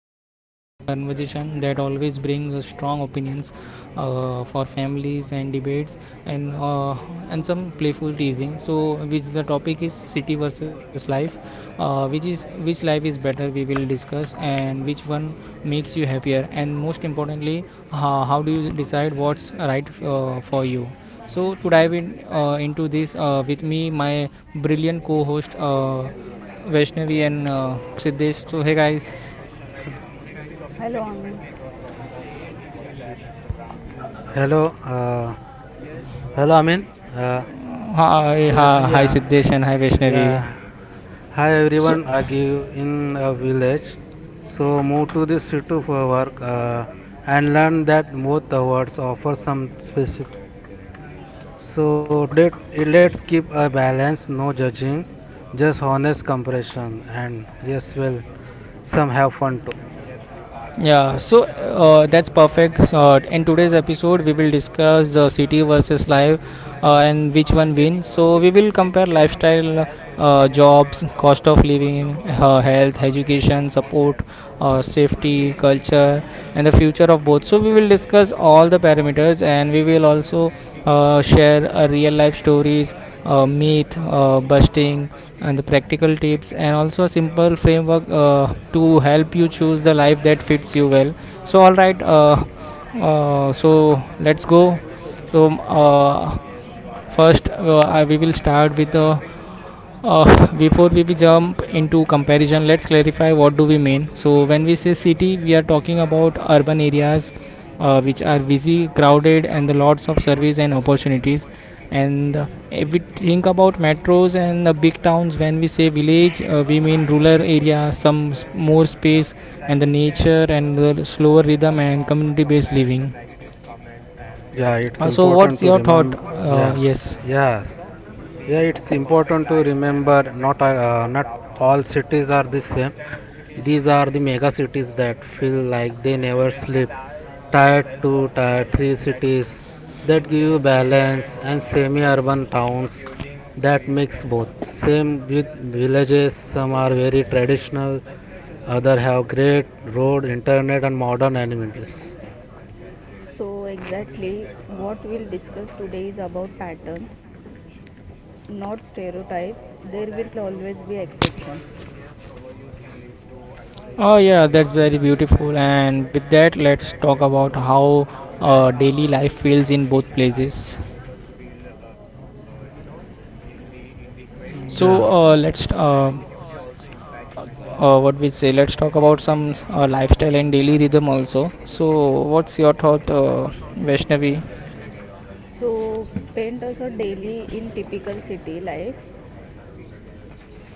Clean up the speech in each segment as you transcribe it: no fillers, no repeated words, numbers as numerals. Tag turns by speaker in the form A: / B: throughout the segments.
A: are exploring a conversation that always brings us strong opinions for families and debates, and uh, and some playful teasing. So, which the topic is city versus life, which is which life is better. We will discuss, and which one makes you happier, and most importantly, how do you decide what's right for you? So to dive in into this with me, my brilliant co-host Vaishnavi and Siddesh. So hey guys,
B: Hello, Amin.
A: hi,
C: uh,
A: hi, hi
C: yeah,
A: Siddesh and hi Vaishnavi. So
C: offer some specific. So today let's keep a balance, no judging, just honest comparison. And yes, some have fun too.
A: yeah, so that's perfect. In today's episode, we will discuss the city versus life and which one wins. So, we will compare lifestyle, jobs, cost of living, health, education, support, safety, culture, and the future of both. So, we will discuss all the parameters and we will also share real life stories, myth busting, and the practical tips and also a simple framework to help you choose the life that fits you well. So all right, so let's go. So first, we will start with the before we jump into comparison, let's clarify what do we mean. So when we say city, we are talking about urban areas which are busy, crowded, and the lots of service and opportunities. And if we think about metros and the big towns, when we say village, we mean rural area, some more space, and the nature and the slower rhythm and community-based living.
C: Yeah, it's
A: So
C: important
A: what's
C: to
A: your thought?
C: remember. Yeah,
A: Yes.
C: yes, yeah, it's important to remember. Not all cities are the same. These are the mega cities that feel like they never sleep. Tier 2, Tier 3 cities that give you balance, and semi urban towns that mix both. Same with villages, some are very traditional, others have great road, internet, and modern amenities.
B: So, exactly what we'll discuss today is about patterns, not stereotypes. There will always be exception.
A: Oh yeah, that's very beautiful. And with that, let's talk about how daily life feels in both places.
C: Yeah.
A: So let's what we say. Let's talk about some lifestyle and daily rhythm also. So what's your thought, Vaishnavi?
B: So, paint us a daily in typical city life.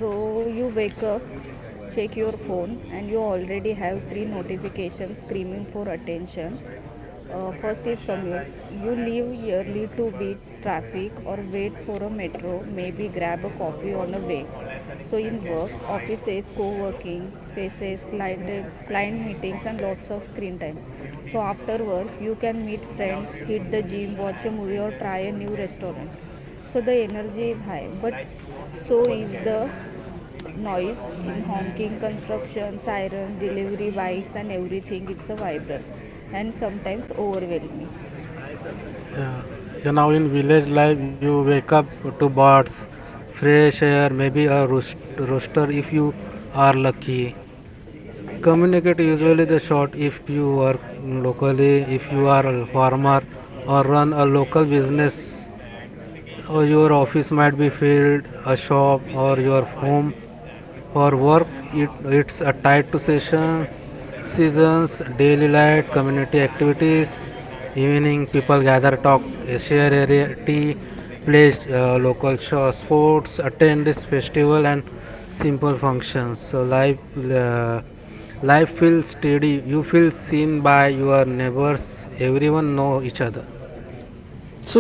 B: So, you wake up, check your phone, and you already have three notifications screaming for attention. First is commute. You leave early to beat traffic or wait for a metro, maybe grab a coffee on the way. So in work, offices, co-working spaces, client meetings, and lots of screen time. So after work, you can meet friends, hit the gym, watch a movie, or try a new restaurant. So the energy is high, but so is the noise in honking, construction, sirens, delivery bikes, and everything. It's a vibrant and sometimes overwhelming.
C: Yeah. Yeah, now in village life, you wake up to birds, fresh air, maybe a rooster if you are lucky. Communicate usually the short if you are locally, if you are a farmer or run a local business, or your office might be field, a shop, or your home for work it's tied to session seasons, daily light, community activities. Evening people gather, talk, share area tea, play local show, sports, attend this festival and simple functions. So uh, life feels steady, you feel seen by your neighbors, everyone know each other.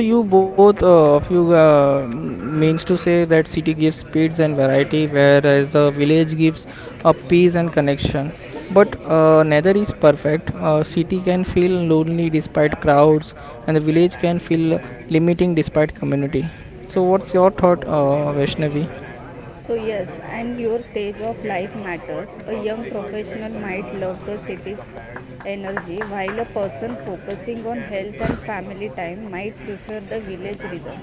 A: So you both means to say that city gives speeds and variety, whereas the village gives a peace and connection. But neither is perfect. City can feel lonely despite crowds, and the village can feel limiting despite community. So what's your thought, Vaishnavi?
B: So, yes, and your stage of life matters. A young professional might love the city's energy, while a person focusing on health and family time might prefer the village rhythm.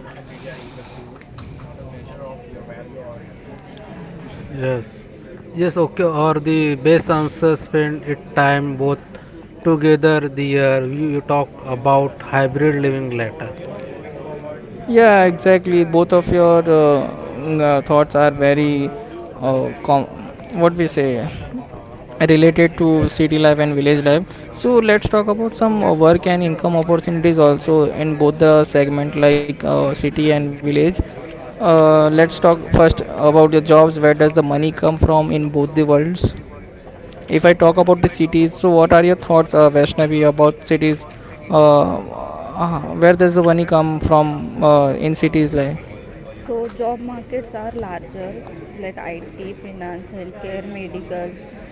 C: Yes. Yes, okay, or the best answer spend it time both together the year you talk about hybrid living later.
A: Yeah, exactly. Both of your thoughts are very uh, com- what we say, related to city life and village life. So let's talk about some work and income opportunities also in both the segment, like city and village. Let's talk first about the jobs. Where does the money come from in both the worlds? If I talk about the cities, so what are your thoughts, Vaishnavi, about cities? Where does the money come from in cities like.
B: So job markets are larger like IT, finance, healthcare, medical,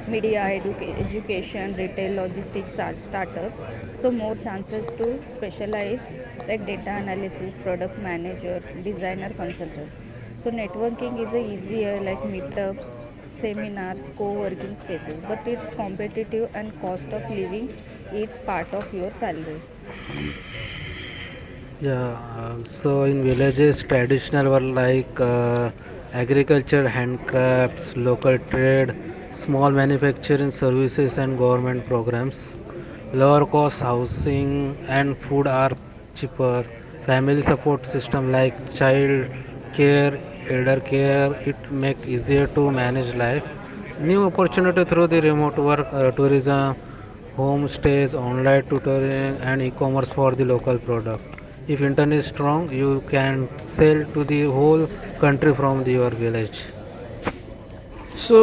B: media, education, retail, logistics, startups. So more chances to specialize like data analysis, product manager, designer, consultant. So networking is a easier like meetups, seminars, co-working spaces, but it's competitive and cost of living eats part of your salary.
C: Yeah, so in villages, traditional were like agriculture, handcrafts, local trade, small manufacturing services, and government programs. Lower cost housing and food are cheaper. Family support system like child care, elder care, it make easier to manage life. New opportunity through the remote work, tourism, homestays, online tutoring, and e-commerce for the local product. If internet is strong, you can sell to the whole country from your village.
A: So,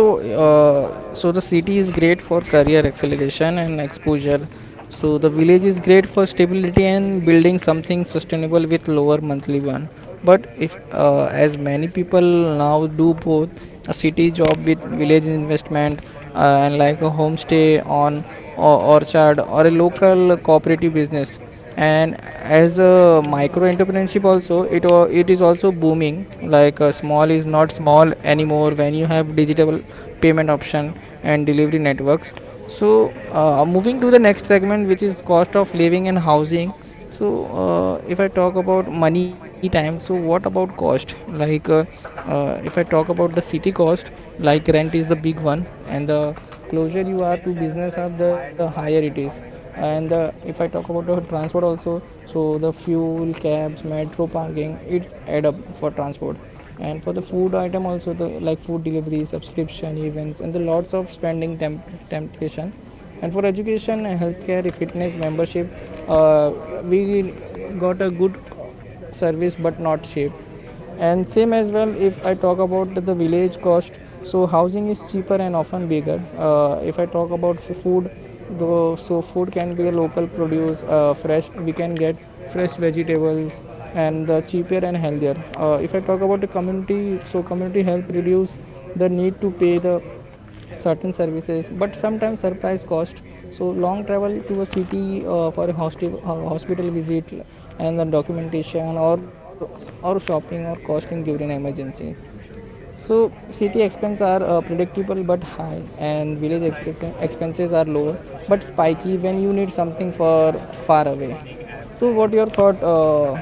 A: so the city is great for career acceleration and exposure. So the village is great for stability and building something sustainable with lower monthly one. But if as many people now do both, a city job with village investment and like a homestay on or orchard or a local cooperative business, and as a micro entrepreneurship also, it is also booming. Like, small is not small anymore when you have digital payment option and delivery networks. So moving to the next segment, which is cost of living and housing. So if I talk about money time, so what about cost, like, if I talk about the city cost, like rent is the big one, and the closer you are to business hub, the higher it is. And the, if I talk about the transport also, so the fuel, cabs, metro, parking, it's add up for transport. And for the food item also, the like food delivery, subscription, events, and the lots of spending temptation. And for education, healthcare, fitness membership, uh, we got a good service but not cheap. And same as well, if I talk about the village cost, so housing is cheaper and often bigger. If I talk about food though, so food can be a local produce, fresh, we can get fresh vegetables, and the cheaper and healthier. If I talk about the community, so community help reduce the need to pay the certain services, but sometimes surprise cost. So long travel to a city for a hospital, hospital visit and the documentation or shopping or costing during emergency. So city expenses are predictable but high, and village expenses are lower but spiky when you need something for far away. So what your thought,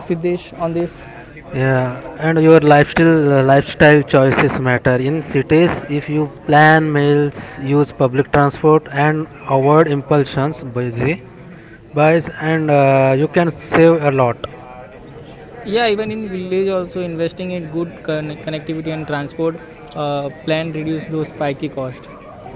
A: Siddesh, on this?
C: Yeah, rely and your lifestyle choices matter. In cities, if you plan meals, use public transport, and avoid impulsions, busy buys, and you can save a lot.
A: Yeah, even in village also, investing in good connectivity and transport plan reduce those spiky cost.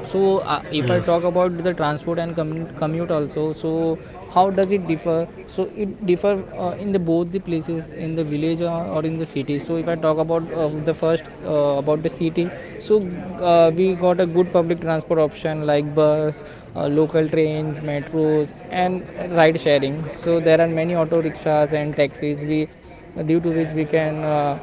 A: So if I talk
C: Yes.
A: about the transport and commute also, so how does it differ? So it differ in the both the places, in the village or in the city. So if I talk about, the first, about the city, so we got a good public transport option like buses, local trains, metros, and ride sharing. So there are many auto rickshaws and taxis. We due to which we can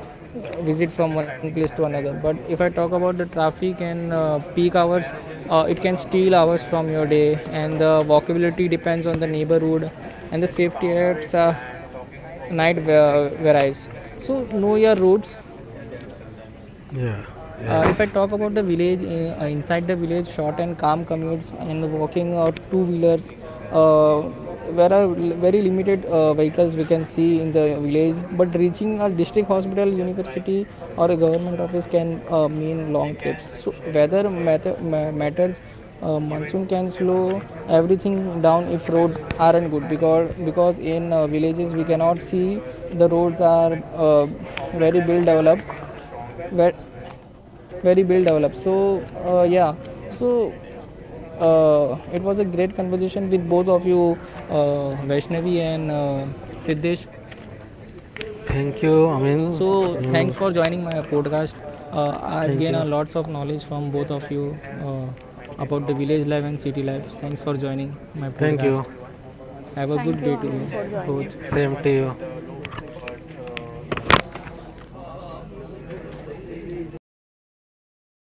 A: visit from one place to another. But if I talk about the traffic and peak hours, it can steal hours from your day. And the walkability depends on the neighborhood, and the safety at night varies. So know your routes.
C: Yeah.
A: If I
C: Yes.
A: talk about the village, inside the village, short and calm commutes and walking or two wheelers, uh, there are very limited vehicles we can see in the village. But reaching a district hospital, university, or a government office can mean long trips. So weather matters. Monsoon can slow everything down if roads aren't good, because in villages we cannot see the roads are very well developed, where very well developed. So yeah, so it was a great conversation with both of you, Vaishnavi and Siddesh.
C: Thank you.
A: So thanks
C: You
A: for
C: know,
A: joining my podcast. uh, I've
C: thank
A: gained a
C: you.
A: lots of knowledge from both of you uh, about the village life and city life. Thanks for joining my podcast.
C: You.
A: Have a good
B: Thank you,
A: day to you
B: Amin, for joining.
A: both.